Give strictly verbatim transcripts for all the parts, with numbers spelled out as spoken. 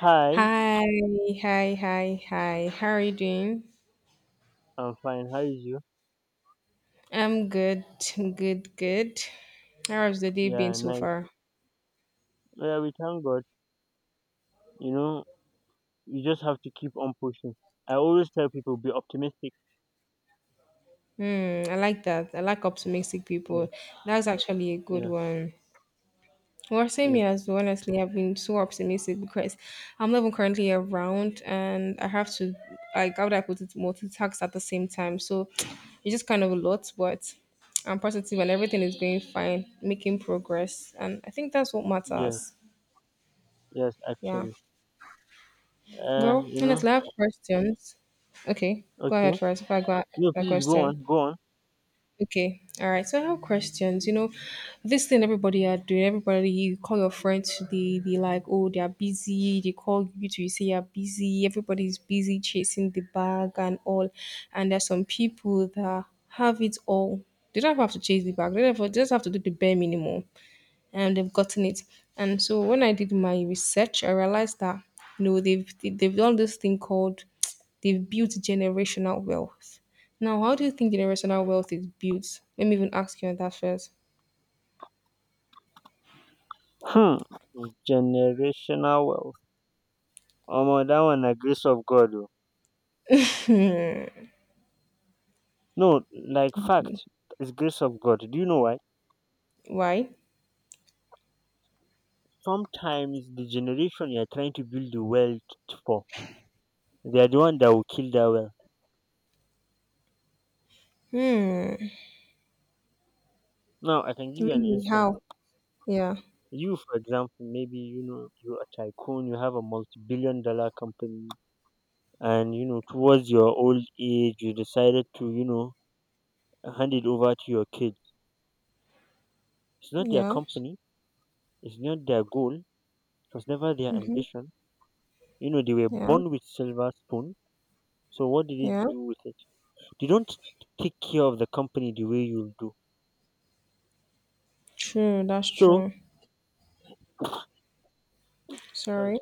Hi, Hi, hi, hi, hi. How are you doing? I'm fine. How is you? I'm good, I'm good, good. How has the day been Yeah, so nice. far? Yeah, we thank God. You know, you just have to keep on pushing. I always tell people be optimistic. Hmm, I like that. I like optimistic Yes, people. That's actually a good yes, one. Well, same yes, here as well. Honestly, I've been so optimistic because I'm not even currently around and I have to, like, how would I put it, multitask at the same time. So it's just kind of a lot, but I'm positive and everything is going fine, making progress. And I think that's what yes, matters. yes, Yeah. actually. Uh, Well, you know, honestly, I have questions. Okay, go ahead okay. first. If I go ask No, my please go question. on, go on. Okay, all right. So I have questions. You know, this thing everybody are doing. Everybody, you call your friends. They they like, oh, they are busy. They call you to you say you're busy. Everybody's busy chasing the bag and all. And there's some people that have it all. They don't have to chase the bag. They don't have, they just have to do the bare minimum and they've gotten it. And so when I did my research, I realized that you know they've they've done this thing called they've built generational wealth. Now, how do you think generational wealth is built? Let me even ask you on that first. Hmm. Generational wealth. Oh, that one na grace of God. Oh. No, like fact, it's grace of God. Do you know why? Why? Sometimes the generation you're trying to build the wealth for, they are the one that will kill that wealth. Hmm. Now I can give you an Really? instance. How? Yeah. You, for example, maybe you know you're a tycoon, you have a multi-billion dollar company, and you know towards your old age, you decided to you know hand it over to your kids. It's not their Yeah. company, it's not their goal, it was never their Mm-hmm. ambition. You know they were Yeah. born with silver spoon, so what did they Yeah. do with it? They don't take care of the company the way you do. True. That's So, true. sorry. Sorry.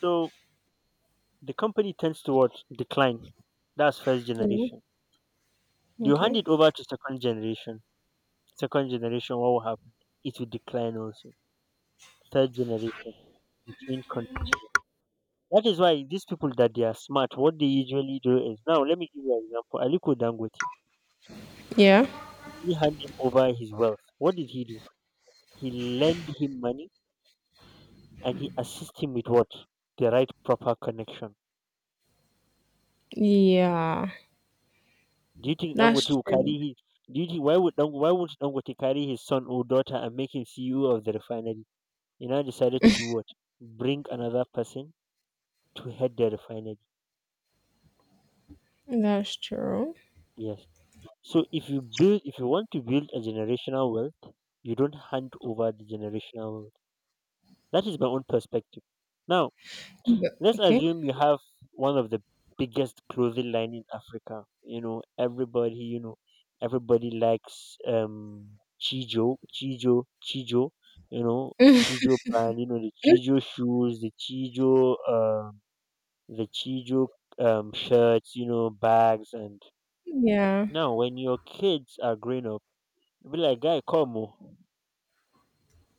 So the company tends towards decline. That's first Yeah. generation. Do you hand Okay. it over to second generation? Second generation, what will happen? It will decline also. Third generation. the chain con- That is why these people that they are smart, what they usually do is, now let me give you an example. Aliko Dangote, Yeah. he hand him over his wealth. What did he do? He lend him money, and he assist him with what? The right proper connection. Yeah. Do you think That's Dangote will true. carry his do you think why would Dangote, why would Dangote carry his son or daughter and make him C E O of the refinery? He now decided to do what? Bring another person to head the refinery. That's true. Yes. So, if you build, if you want to build a generational wealth, you don't hand over the generational wealth. That is my own perspective. Now, But— let's okay. assume you have one of the biggest clothing line in Africa. You know, everybody, you know, everybody likes um Chijo, Chijo, Chijo, you know, Chijo brand, you know, the Chijo shoes, the Chijo um the Chijo um shirts, you know, bags, and Yeah. now when your kids are growing up, be like, guy, come, oh,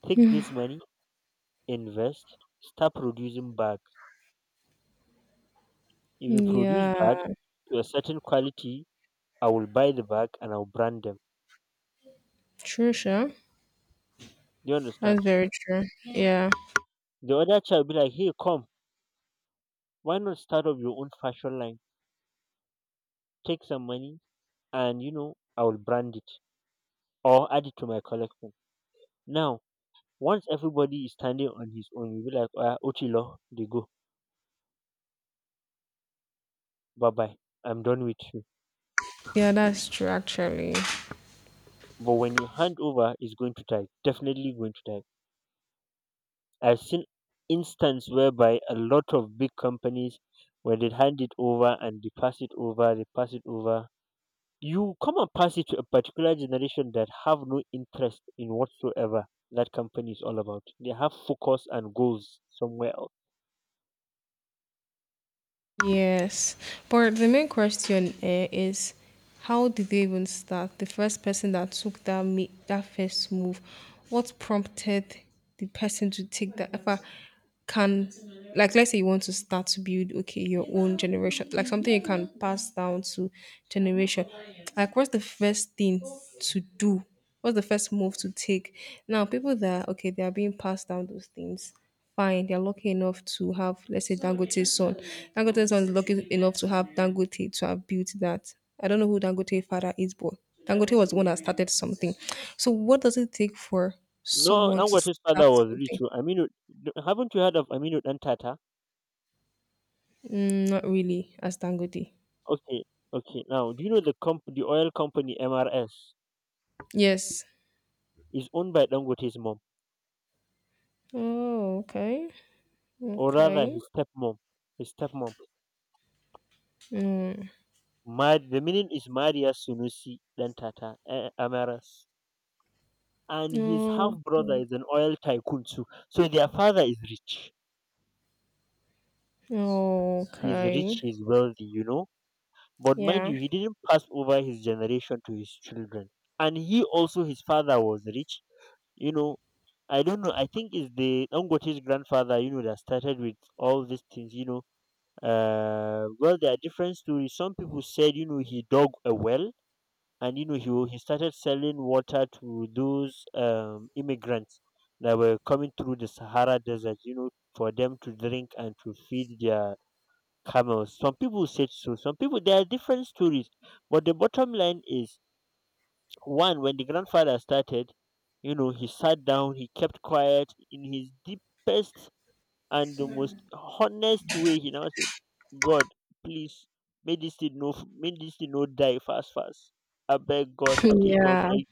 take this money, invest, start producing bag. If you produce bag Yeah, to a certain quality, I will buy the bag and I'll brand them. true, sure. Do you That's understand? very true. Yeah, The other child be like, hey, come, why not start up your own fashion line? Take some money and, you know, I will brand it or add it to my collection. Now, once everybody is standing on his own, you be like, ah, Ochilo, they go. Bye bye. I'm done with you. yeah, that's true actually. But when you hand over, it's going to die. Definitely going to die. I've seen instance whereby a lot of big companies, when they hand it over and they pass it over, they pass it over, you come and pass it to a particular generation that have no interest in whatsoever that company is all about. They have focus and goals somewhere else. Yes, but the main question eh, is how did they even start? The first person that took that ma- that first move, what prompted the person to take that? If I can, like, let's say you want to start to build, okay, your own generation, like something you can pass down to generation. Like, what's the first thing to do? What's the first move to take? Now, people that okay, they are being passed down those things fine. They're lucky enough to have, let's say, Dangote's son. Dangote's son is lucky enough to have Dangote to have built that. I don't know who Dangote's father is, but Dangote was the one that started something. So, what does it take for No, someone to Dangote's start father was rich. something? Oh. Aminu, d- haven't you heard of Aminu Dantata? Mm, not really, as Dangote. Okay, okay. Now, do you know the comp- the oil company M R S Yes. is owned by Dangote's mom, Oh, okay. or rather Okay. his stepmom? His stepmom. Mm. Mar- the meaning is Marius Sunusi Dantata, eh, Amaras. And his half Oh, brother okay. is an oil tycoon too. So their father is rich. Oh, He's okay. rich, he's wealthy, you know. But mind Yeah. you, he didn't pass over his generation to his children. And he also, his father was rich. You know, I don't know. I think it's the Dangote's grandfather, you know, that started with all these things, you know. Uh, well, there are different stories. Some people said, you know, he dug a well, and you know he wa- he started selling water to those um, immigrants that were coming through the Sahara Desert, you know, for them to drink and to feed their camels. Some people said so. Some people, there are different stories, but the bottom line is one: when the grandfather started, you know, he sat down, he kept quiet in his deepest and the most honest way. He now said, "God, please." May this thing no, may this thing no die fast, fast. I beg God, I take God, Yeah. beg,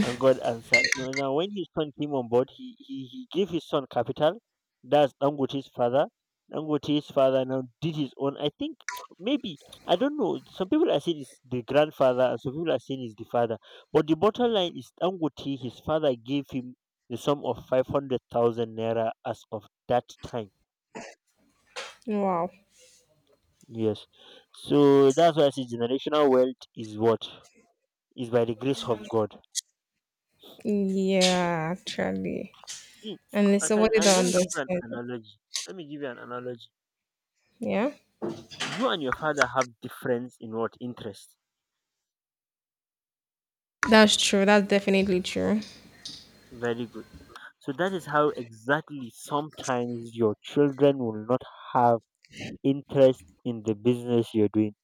and God answered. No, now, when his son came on board, he, he, he gave his son capital. That's Dangote's father. Dangote's father now did his own. I think maybe, I don't know. Some people are saying it's the grandfather, and some people are saying it's the father. But the bottom line is, Dangote, his father gave him the sum of five hundred thousand naira as of that time. Wow. Yes. So that's why I say generational wealth is what is by the grace of God. Yeah, actually. See, And it's I can somebody I, that let me give you understands an it. analogy. Let me give you an analogy. Yeah, You and your father have difference in what interest. that's true. That's definitely true. Very good. So that is how exactly sometimes your children will not have interest in the business you're doing.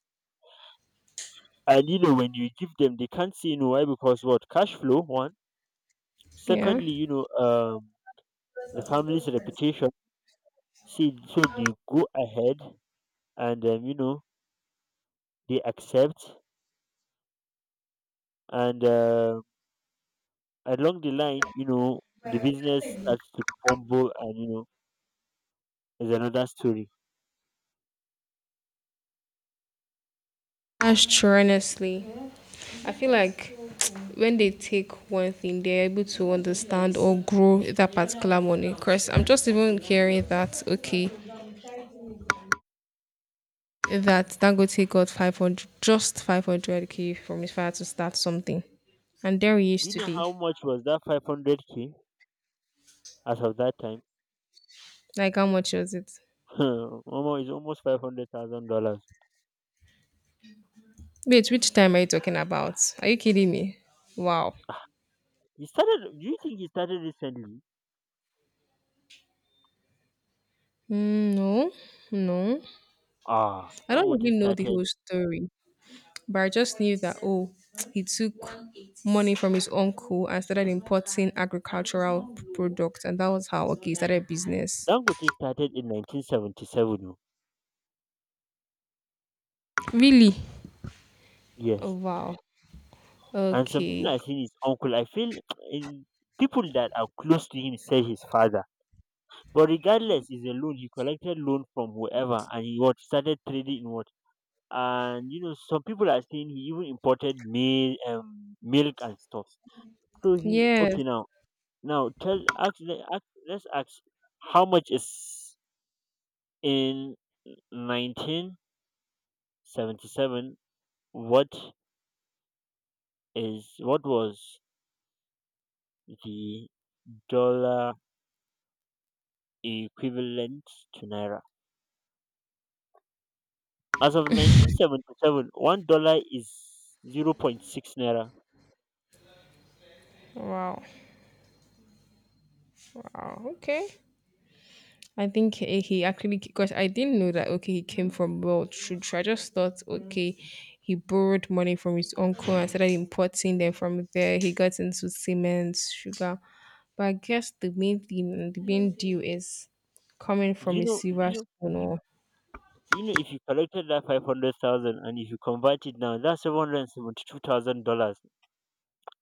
And you know when you give them, they can't say no. Why? Because what? Cash flow. One. Yeah, Secondly, you know, um, the family's reputation. See, so they go ahead and um, you know they accept and. Uh, along the line, you know, the business starts to crumble, and, you know, is another story. that's true. Honestly, I feel like when they take one thing, they're able to understand or grow that particular money. Because I'm just even hearing that okay, that Dangote got five hundred, just five hundred k from his father to start something, and there he is Do you know today. how much was that five hundred k as of that time? Like how much was it? Almost, it's almost five hundred thousand dollars. Wait, which time are you talking about? Are you kidding me? Wow. He started, do you think he started recently? Mm, no, no. Ah, I don't Dangote really know the started, whole story, but I just knew that oh, he took money from his uncle and started importing agricultural products, and that was how okay he started business. Dangote started in nineteen seventy-seven. Oh, Really? Oh yes. wow. And some people Okay. are saying his uncle. I feel eh, people that are close to him say his father. But regardless, it's a loan. He collected loan from whoever, and he what started trading in. And you know some people are saying he even imported mil- um, milk and stuff. So, he Yes. okay, now, now tell ask, le- ask let's ask how much is in nineteen seventy-seven. What is what was the dollar equivalent to naira as of nineteen seventy-seven? One dollar is zero point zero point six naira. Wow. Wow. Okay. I think he he actually because I didn't know that okay he came from wealth should I just thought okay he borrowed money from his uncle and started importing them from there he got into cement sugar but I guess the main thing and the main deal is coming Do from you a know Do silver you spoon or You know, if you collected that five hundred thousand and if you convert it now, that's seven hundred seventy-two thousand dollars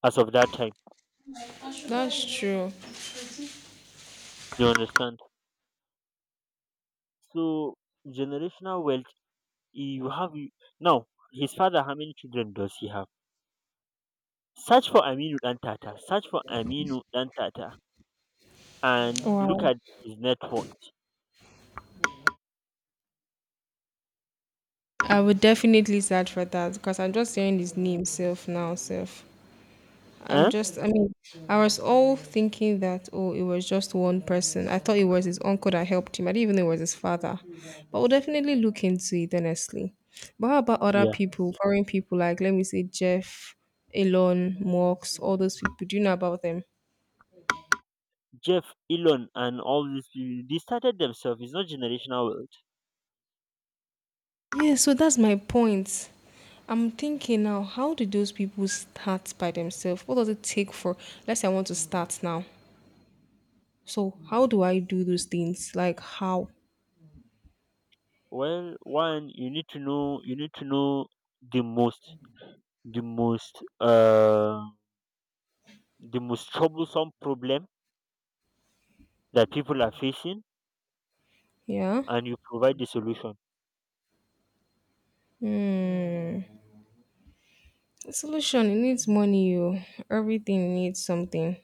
as of that time. that's true. Do you understand? So, generational wealth, you have. Now, his father, how many children does he have? Search for Aminu Dan Tata. Search for Aminu Dan Tata and look Wow. at his net worth. I would definitely search for that because I'm just hearing his name self now self. I'm Eh? just, I mean, I was all thinking that, oh, it was just one person. I thought it was his uncle that helped him. I didn't even know it was his father. But we'll definitely look into it, honestly. But how about other Yeah. people, foreign people, like, let me say, Jeff, Elon, Marx, all those people? Do you know about them? Jeff, Elon, and all these people, they started themselves. It's not generational wealth. Yeah, so that's my point. I'm thinking now, how did those people start by themselves? What does it take for, let's say I want to start now. So, how do I do those things? Like, how? Well, one, you need to know, you need to know the most. the most uh, the most troublesome problem that people are facing, Yeah. and you provide the solution. Hmm. The solution it needs money, you everything needs something,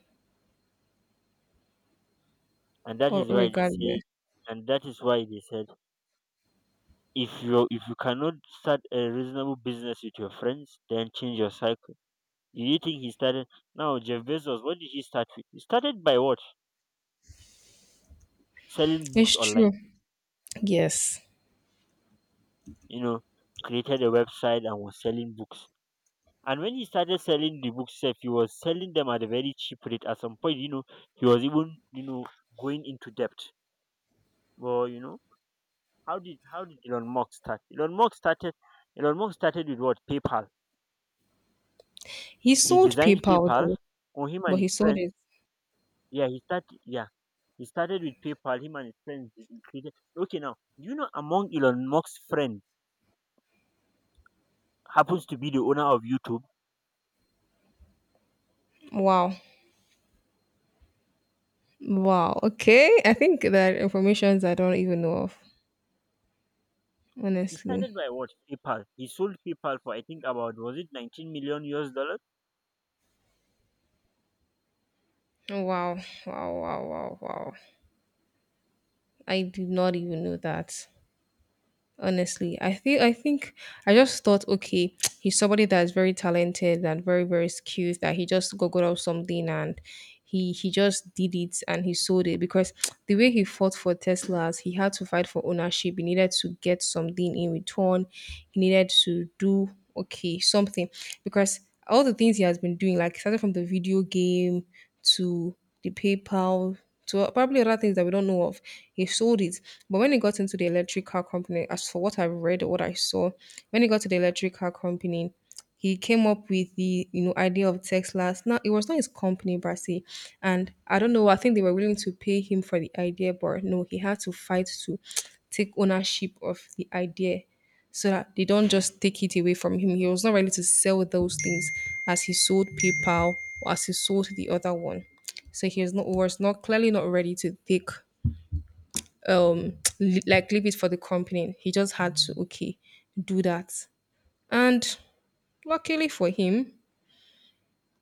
And that or is why they said regardless. and that is why they said if you if you cannot start a reasonable business with your friends, then change your cycle. Do you think he started Now, Jeff Bezos, what did he start with? He started by what? Selling books It's true. online. Yes, you know created a website and was selling books. And when he started selling the books sef, he was selling them at a very cheap rate. At some point, you know, he was even, you know, going into debt. Well, you know, how did how did Elon Musk start? Elon Musk started Elon Musk started with what? PayPal. he He sold designed PayPal PayPal, though, or him and but his he sold it. friends. Yeah, he started, yeah. He started with PayPal, him and his friends they created, okay, now. Do you know among Elon Musk's friends happens to be the owner of YouTube? Wow, wow. Okay, I think that informations I don't even know of, He honestly. started by what? PayPal. He sold PayPal for, I think, about, was it nineteen million U S dollars? Wow, wow, wow, wow, wow. I did not even know that. Honestly, i think i think I just thought okay he's somebody that's very talented and very very skilled that he just googled up something and he he just did it and he sold it because the way he fought for teslas he had to fight for ownership he needed to get something in return he needed to do okay something because all the things he has been doing like started from the video game to the PayPal to probably other things that we don't know of. He sold it. But when he got into the electric car company, as for what I've read or what I saw, when he got to the electric car company, he came up with the you know idea of Tesla's. Now it was not his company, Brasi, and I don't know. I think they were willing to pay him for the idea, but no, he had to fight to take ownership of the idea so that they don't just take it away from him. He was not ready to sell those things as he sold PayPal or as he sold the other one. So he was not, was not clearly not ready to take um li- like leave it for the company. He just had to okay do that. And luckily for him,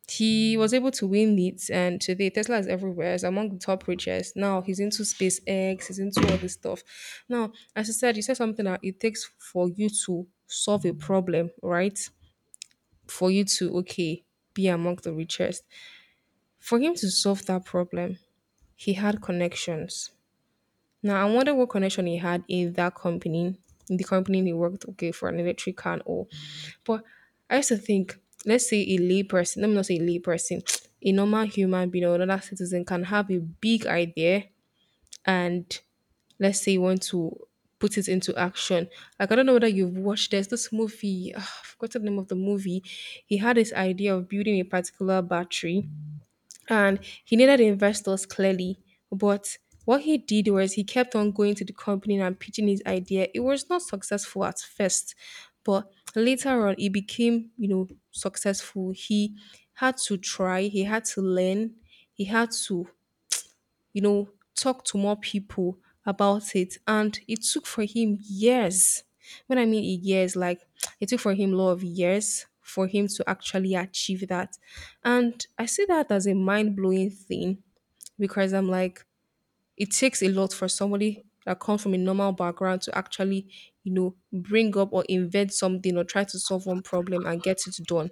he was able to win it. And today, Tesla is everywhere. It's among the top richest. Now he's into SpaceX. He's into all this stuff. Now, as I said, you said something that it takes for you to solve a problem, right? For you to okay be among the richest. For him to solve that problem, he had connections. Now I wonder what connection he had in that company, in the company he worked okay for an electric car and all. But I used to think, let's say a lay person, let me not say a lay person, a normal human being or another citizen can have a big idea and let's say you want to put it into action. Like I don't know whether you've watched there's this movie, I forgot the name of the movie. He had this idea of building a particular battery and he needed investors clearly. But what he did was he kept on going to the company and pitching his idea. It was not successful at first, but later on it became, you know, successful. He had to try, he had to learn, he had to you know, talk to more people about it. And it took for him years. When I mean years, like it took for him a lot of years for him to actually achieve that. And I see that as a mind blowing thing because I'm like, it takes a lot for somebody that comes from a normal background to actually, you know, bring up or invent something or try to solve one problem and get it done.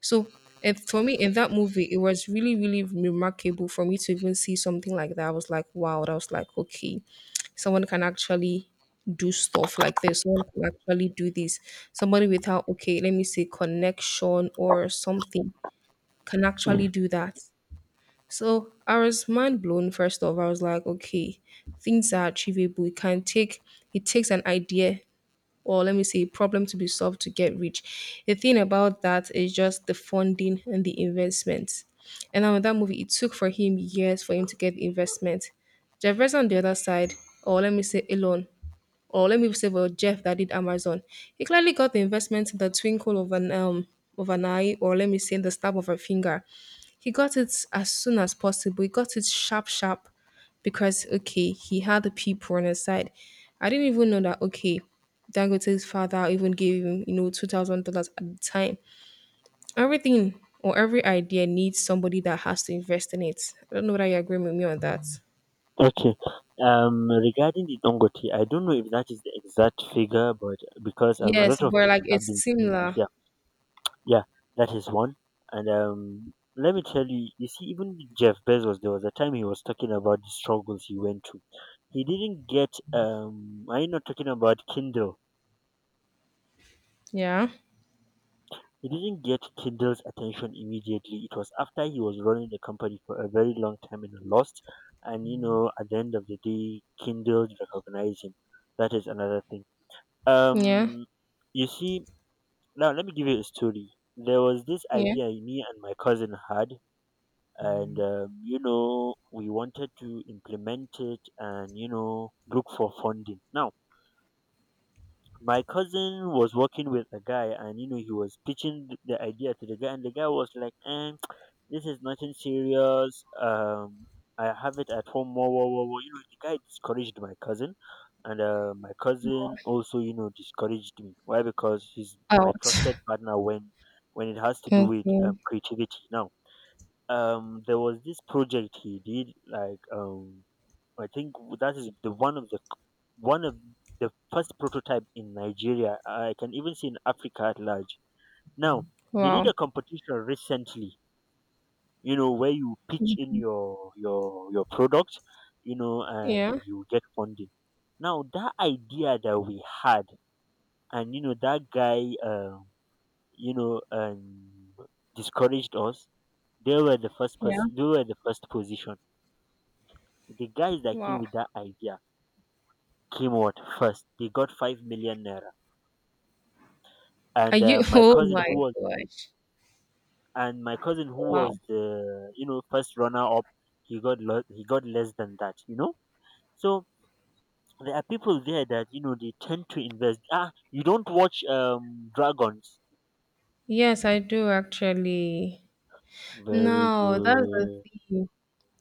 So if, for me, in that movie, it was really, really remarkable for me to even see something like that. I was like, wow, that was like, okay, someone can actually do stuff like this. Someone can actually do this. Somebody without, okay, let me say connection or something can actually do that. So I was mind blown first off. I was like, okay, things are achievable. It can take it takes an idea or let me say a problem to be solved to get rich. The thing about that is just the funding and the investment. And now in that movie, it took for him years for him to get the investment. Jefferson on the other side, or let me say Elon, or let me say well Jeff that did Amazon, he clearly got the investment in the twinkle of an um of an eye, or let me say in the snap of a finger. He got it as soon as possible. He got it sharp, sharp because, okay, he had the people on his side. I didn't even know that, okay, Dangote's father even gave him, you know, two thousand dollars at the time. Everything or every idea needs somebody that has to invest in it. I don't know whether you agree with me on that. Okay. Um, regarding the Dangote, I don't know if that is the exact figure, but because um, a lot Yes, of but like people have it's been saying things. similar. Yeah, yeah, that is one. And um, let me tell you, you see, even Jeff Bezos, there was a time he was talking about the struggles he went through. He didn't get um, I'm not talking about Kindle. Yeah, He didn't get Kindle's attention immediately. It was after he was running the company for a very long time, and lost. And you know, at the end of the day, Kindle recognized him. That is another thing. yeah, Um, you see, now let me give you a story. There was this yeah. idea me and my cousin had, and um, you know, we wanted to implement it, and you know, look for funding. Now, my cousin was working with a guy, and you know he was pitching th- the idea to the guy, and the guy was like, eh, this is nothing serious, um I have it at home. Whoa, whoa, whoa, whoa. You know the guy discouraged my cousin. And uh, my cousin also, you know, discouraged me. Why? Because he's my Ouch. trusted partner when when it has to do Okay. with um, creativity. Now um there was this project he did, like, um I think that is the one of the one of the first prototype in Nigeria. I can even see in Africa at large. Now they did Wow. a competition recently. You know, where you pitch in your your your product, you know, and Yeah, you get funding. Now that idea that we had, and you know that guy, um, you know, um, discouraged us. They were the first yeah. person. They were the first position. The guys that came Wow. with that idea came out first. They got five million naira, Are and uh, you? my Oh cousin my who was gosh. and my cousin who Wow. was the, you know, first runner up, he got lo- he got less than that. You know, so there are people there that, you know, they tend to invest. Ah, you don't watch um dragons. Yes, I do actually. Very No, that's the good. thing.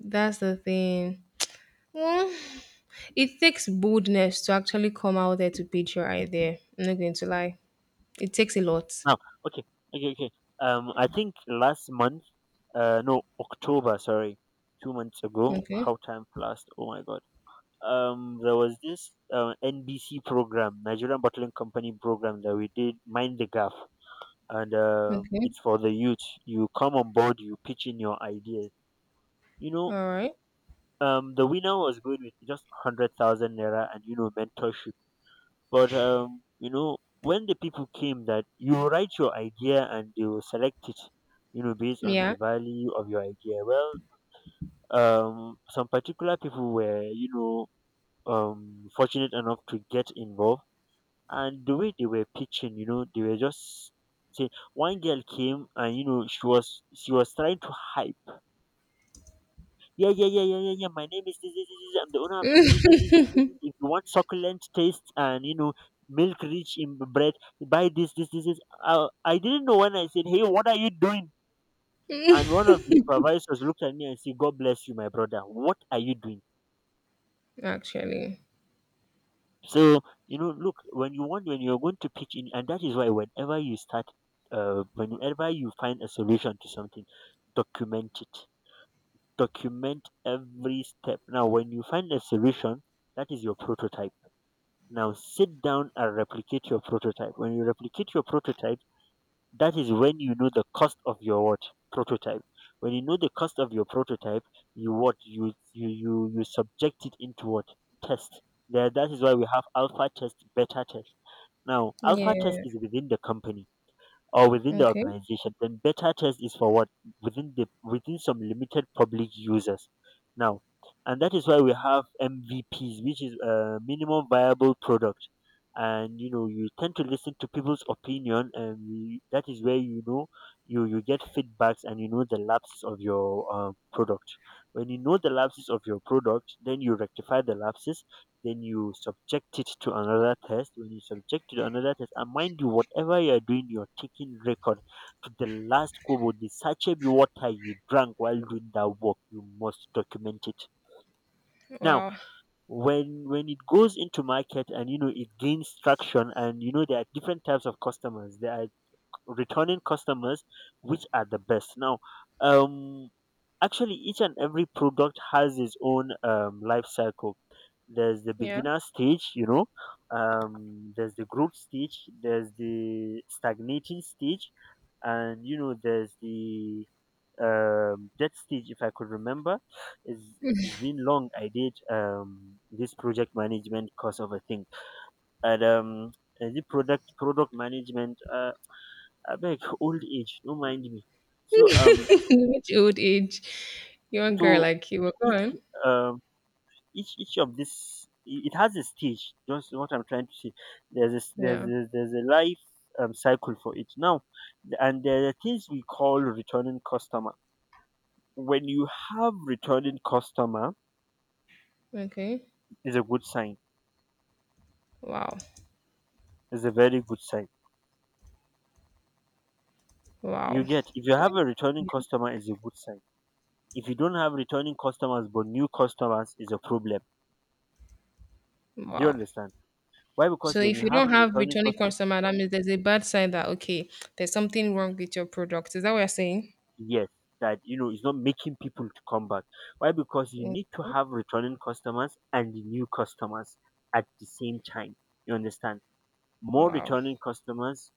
That's the thing. Mm, it takes boldness to actually come out there to pitch your idea. I'm not going to lie. It takes a lot. Now, okay, okay, okay. Um, I think last month, uh, no, October, sorry, two months ago. Okay. How time flies! Oh my god. Um there was this uh, N B C program, Nigerian Bottling Company program, that we did, Mind the Gap, and um Okay. it's for the youth. You come on board, you pitch in your ideas. You know, All right. um, the winner was going with just hundred thousand naira and, you know, mentorship. But um, you know, when the people came, that you write your idea and they will select it, you know, based on Yeah, the value of your idea. Well, um, some particular people were, you know, um, fortunate enough to get involved, and the way they were pitching, you know, they were just saying, one girl came and, you know, she was she was trying to hype. Yeah, yeah, yeah, yeah, yeah, yeah. My name is this, this, this, this. I'm the owner of this, this, this, this, this, this. If you want succulent taste and, you know, milk rich in bread, buy this, this, this, this. I, I didn't know when I said, hey, what are you doing? And one of the supervisors looked at me and said, God bless you, my brother. What are you doing? actually. So, you know, look, when you want when you're going to pitch in, and that is why whenever you start, uh, whenever you find a solution to something, document it. Document every step. Now, when you find a solution, that is your prototype. Now, sit down and replicate your prototype. When you replicate your prototype, that is when you know the cost of your, what? Prototype. When you know the cost of your prototype, you what? You you you, you subject it into what? Test. That that is why we have alpha test, beta test. Now alpha test Yeah. is within the company or within the Okay. organization, then beta test is for what? Within the within some limited public users. Now, and that is why we have M V Ps, which is a minimum viable product. And, you know, you tend to listen to people's opinion, and you, that is where, you know, you you get feedbacks and, you know, the lapses of your uh, product. When you know the lapses of your product, then you rectify the lapses, then you subject it to another test. When you subject it to another test, and mind you, whatever you are doing, you're taking record to the last kobo. The sachet of water you drank while doing that work, you must document it. Now, Wow. when when it goes into market and, you know, it gains traction, and you know there are different types of customers. There are returning customers, which are the best. Now, um, actually each and every product has its own um, life cycle. There's the Yeah. beginner stage, you know, um, there's the growth stage, there's the stagnating stage, and, you know, there's the um, death stage, if I could remember. It's, it's it's been long. I did um, this project management course of a thing, and um, and the product product management, uh, I beg, old age, don't mind me. So um Which old age? Young so girl like you. Well, go each on. um each each of this, it has a stage, just what I'm trying to say. There's a, s- there's Yeah. a, there's a life um, cycle for it. Now, and there are things we call returning customer. When you have returning customer, Okay. is a good sign. Wow. Is a very good sign. You Wow. get, if you Okay. have a returning Yeah. customer, is a good sign. If you don't have returning customers but new customers, is a problem. Do you Wow. understand? Why? So Because when if you you have don't a have returning returning customer. customer, that means there's a bad sign that okay, there's something wrong with your product. Is that what you're saying? Yes, that, you know, it's not making people to come back. Why? Because you Mm. need to have returning customers and the new customers at the same time. You understand? More Wow. returning customers,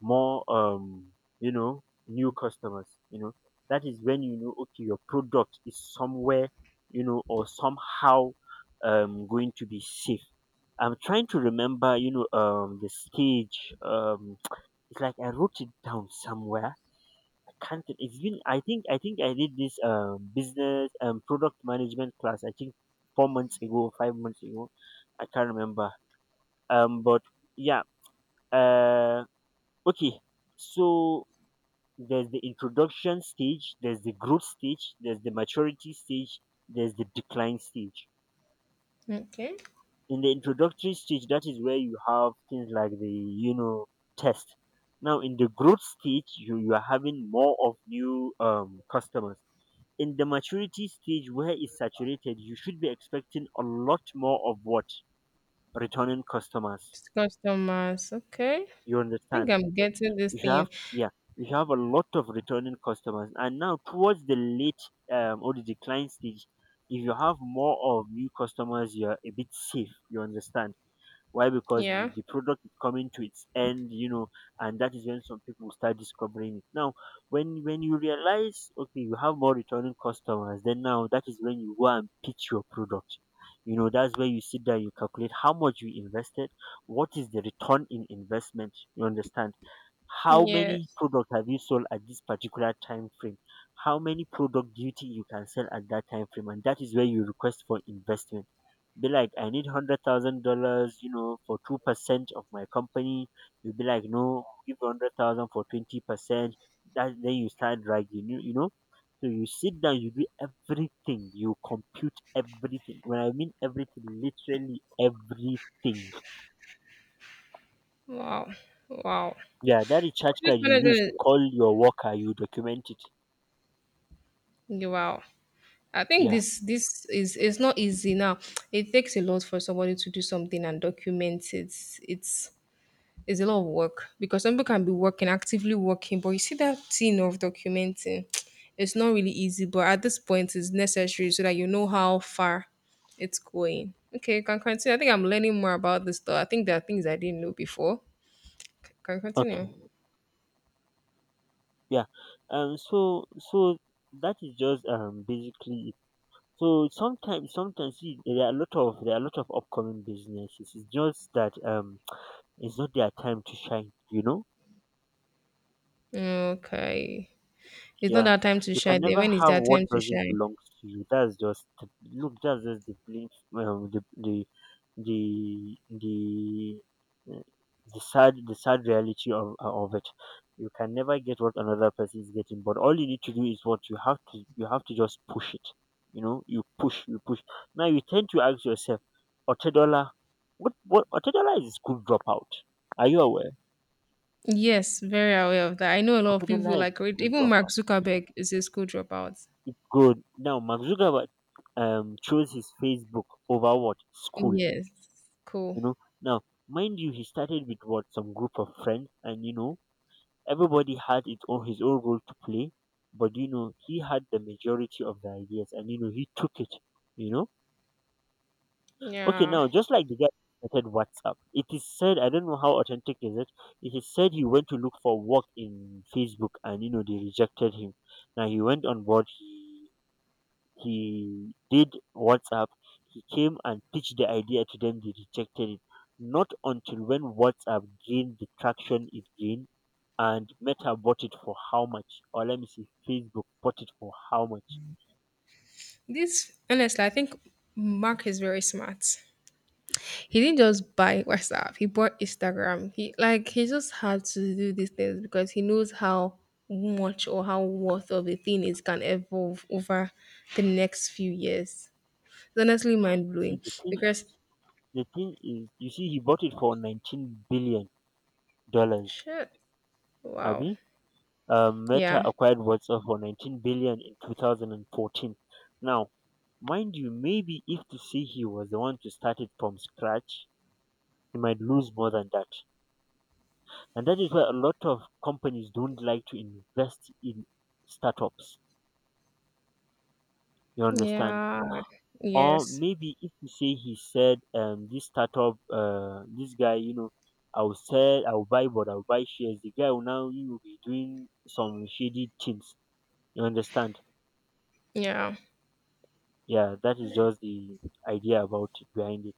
more um you know, new customers, you know, that is when you know, okay, your product is somewhere, you know, or somehow um going to be safe. I'm trying to remember, you know, um the stage. um it's like I wrote it down somewhere. Can't, it- it's been, I think, I think I did this um business um product management class, I think, four months ago, five months ago, I can't remember. um but yeah. uh okay, so there's the introduction stage, there's the growth stage, there's the maturity stage, there's the decline stage. Okay. In the introductory stage, that is where you have things like the, you know, test. Now in the growth stage, you, you are having more of new um customers. In the maturity stage, where it's saturated, you should be expecting a lot more of what? Returning customers. It's customers. Okay. You I think understand? I'm getting this You should have, thing. yeah, you should have a lot of returning customers, and now towards the late um, or the decline stage, if you have more of new customers, you're a bit safe. You understand? Why? Because the, Yeah. the product is coming to its end, you know, and that is when some people will start discovering it. Now, when when you realize, okay, you have more returning customers, then now that is when you go and pitch your product. You know, that's where you sit down, you calculate how much you invested, what is the return in investment. You understand? How many Yes. product have you sold at this particular time frame? How many product do you think you can sell at that time frame? And that is where you request for investment. Be like, I need hundred thousand dollars, you know, for two percent of my company. You'll be like, no, give hundred thousand for twenty percent. That, then you start dragging, you, you know. So you sit down, you do everything, you compute everything. When I mean everything, literally everything. Wow. Wow. Yeah, that recharge Project card you manager. use to Is— call your worker, you document it. wow. I think Yeah. this this is it's not easy now. It takes a lot for somebody to do something and document it. It's It's a lot of work because some people can be working, actively working, but you see that thing of documenting, it's not really easy, but at this point, it's necessary so that you know how far it's going. Okay, you can continue. I think I'm learning more about this though. I think there are things I didn't know before. C- can Okay. continue. Yeah. Um. So so that is just um basically it. So sometimes sometimes, see, there are a lot of there are a lot of upcoming businesses. It's just that um it's not their time to shine. You know. Okay. It's not Yeah, that time to you can shine. Then never when is have that time what to doesn't shine? belong to you. That's just, look, that's just the belief, um, the the the the uh, the sad the sad reality of of it. You can never get what another person is getting, but all you need to do is what? You have to you have to just push it. You know, you push, you push. Now you tend to ask yourself, Otedola, what what? Otedola is a school dropout. Are you aware? Yes, very aware of that. I know a lot of people Otedola is a like read- school even Mark dropout. Zuckerberg is a school dropout. Good. Now Mark Zuckerberg um chose his Facebook over what? School. Yes. Cool. You know? Now, mind you, he started with what? Some group of friends, and, you know, everybody had its own, his own role to play. But you know he had the majority of the ideas, and, you know, he took it. You know? Okay, Yeah. now just like the guy who started WhatsApp. It is said, I don't know how authentic is it. It is said he went to look for work in Facebook, and, you know, they rejected him. Now he went on board. He he did WhatsApp, he came and pitched the idea to them, they rejected it. Not until when WhatsApp gained the traction it gained and Meta bought it for how much? Or let me see, Facebook bought it for how much? This honestly, I think Mark is very smart. He didn't just buy WhatsApp. He bought Instagram. He like he just had to do these things because he knows how much or how worth of a thing is can evolve over the next few years. It's honestly mind See blowing the thing, because the thing is, you see, he bought it for nineteen billion dollars. shit. Wow. Abi? Um, Meta Yeah. acquired WhatsApp for nineteen billion in two thousand and fourteen. Now mind you, maybe if to say he was the one to start it from scratch, you might lose more than that. And that is why a lot of companies don't like to invest in startups. You understand? Yeah. Or Yes. maybe if you say he said, um, this startup, uh, this guy, you know, I'll sell, I'll buy, but I'll buy shares. The guy will now, he will be doing some shady things. You understand? Yeah. Yeah, that is just the idea about it, behind it.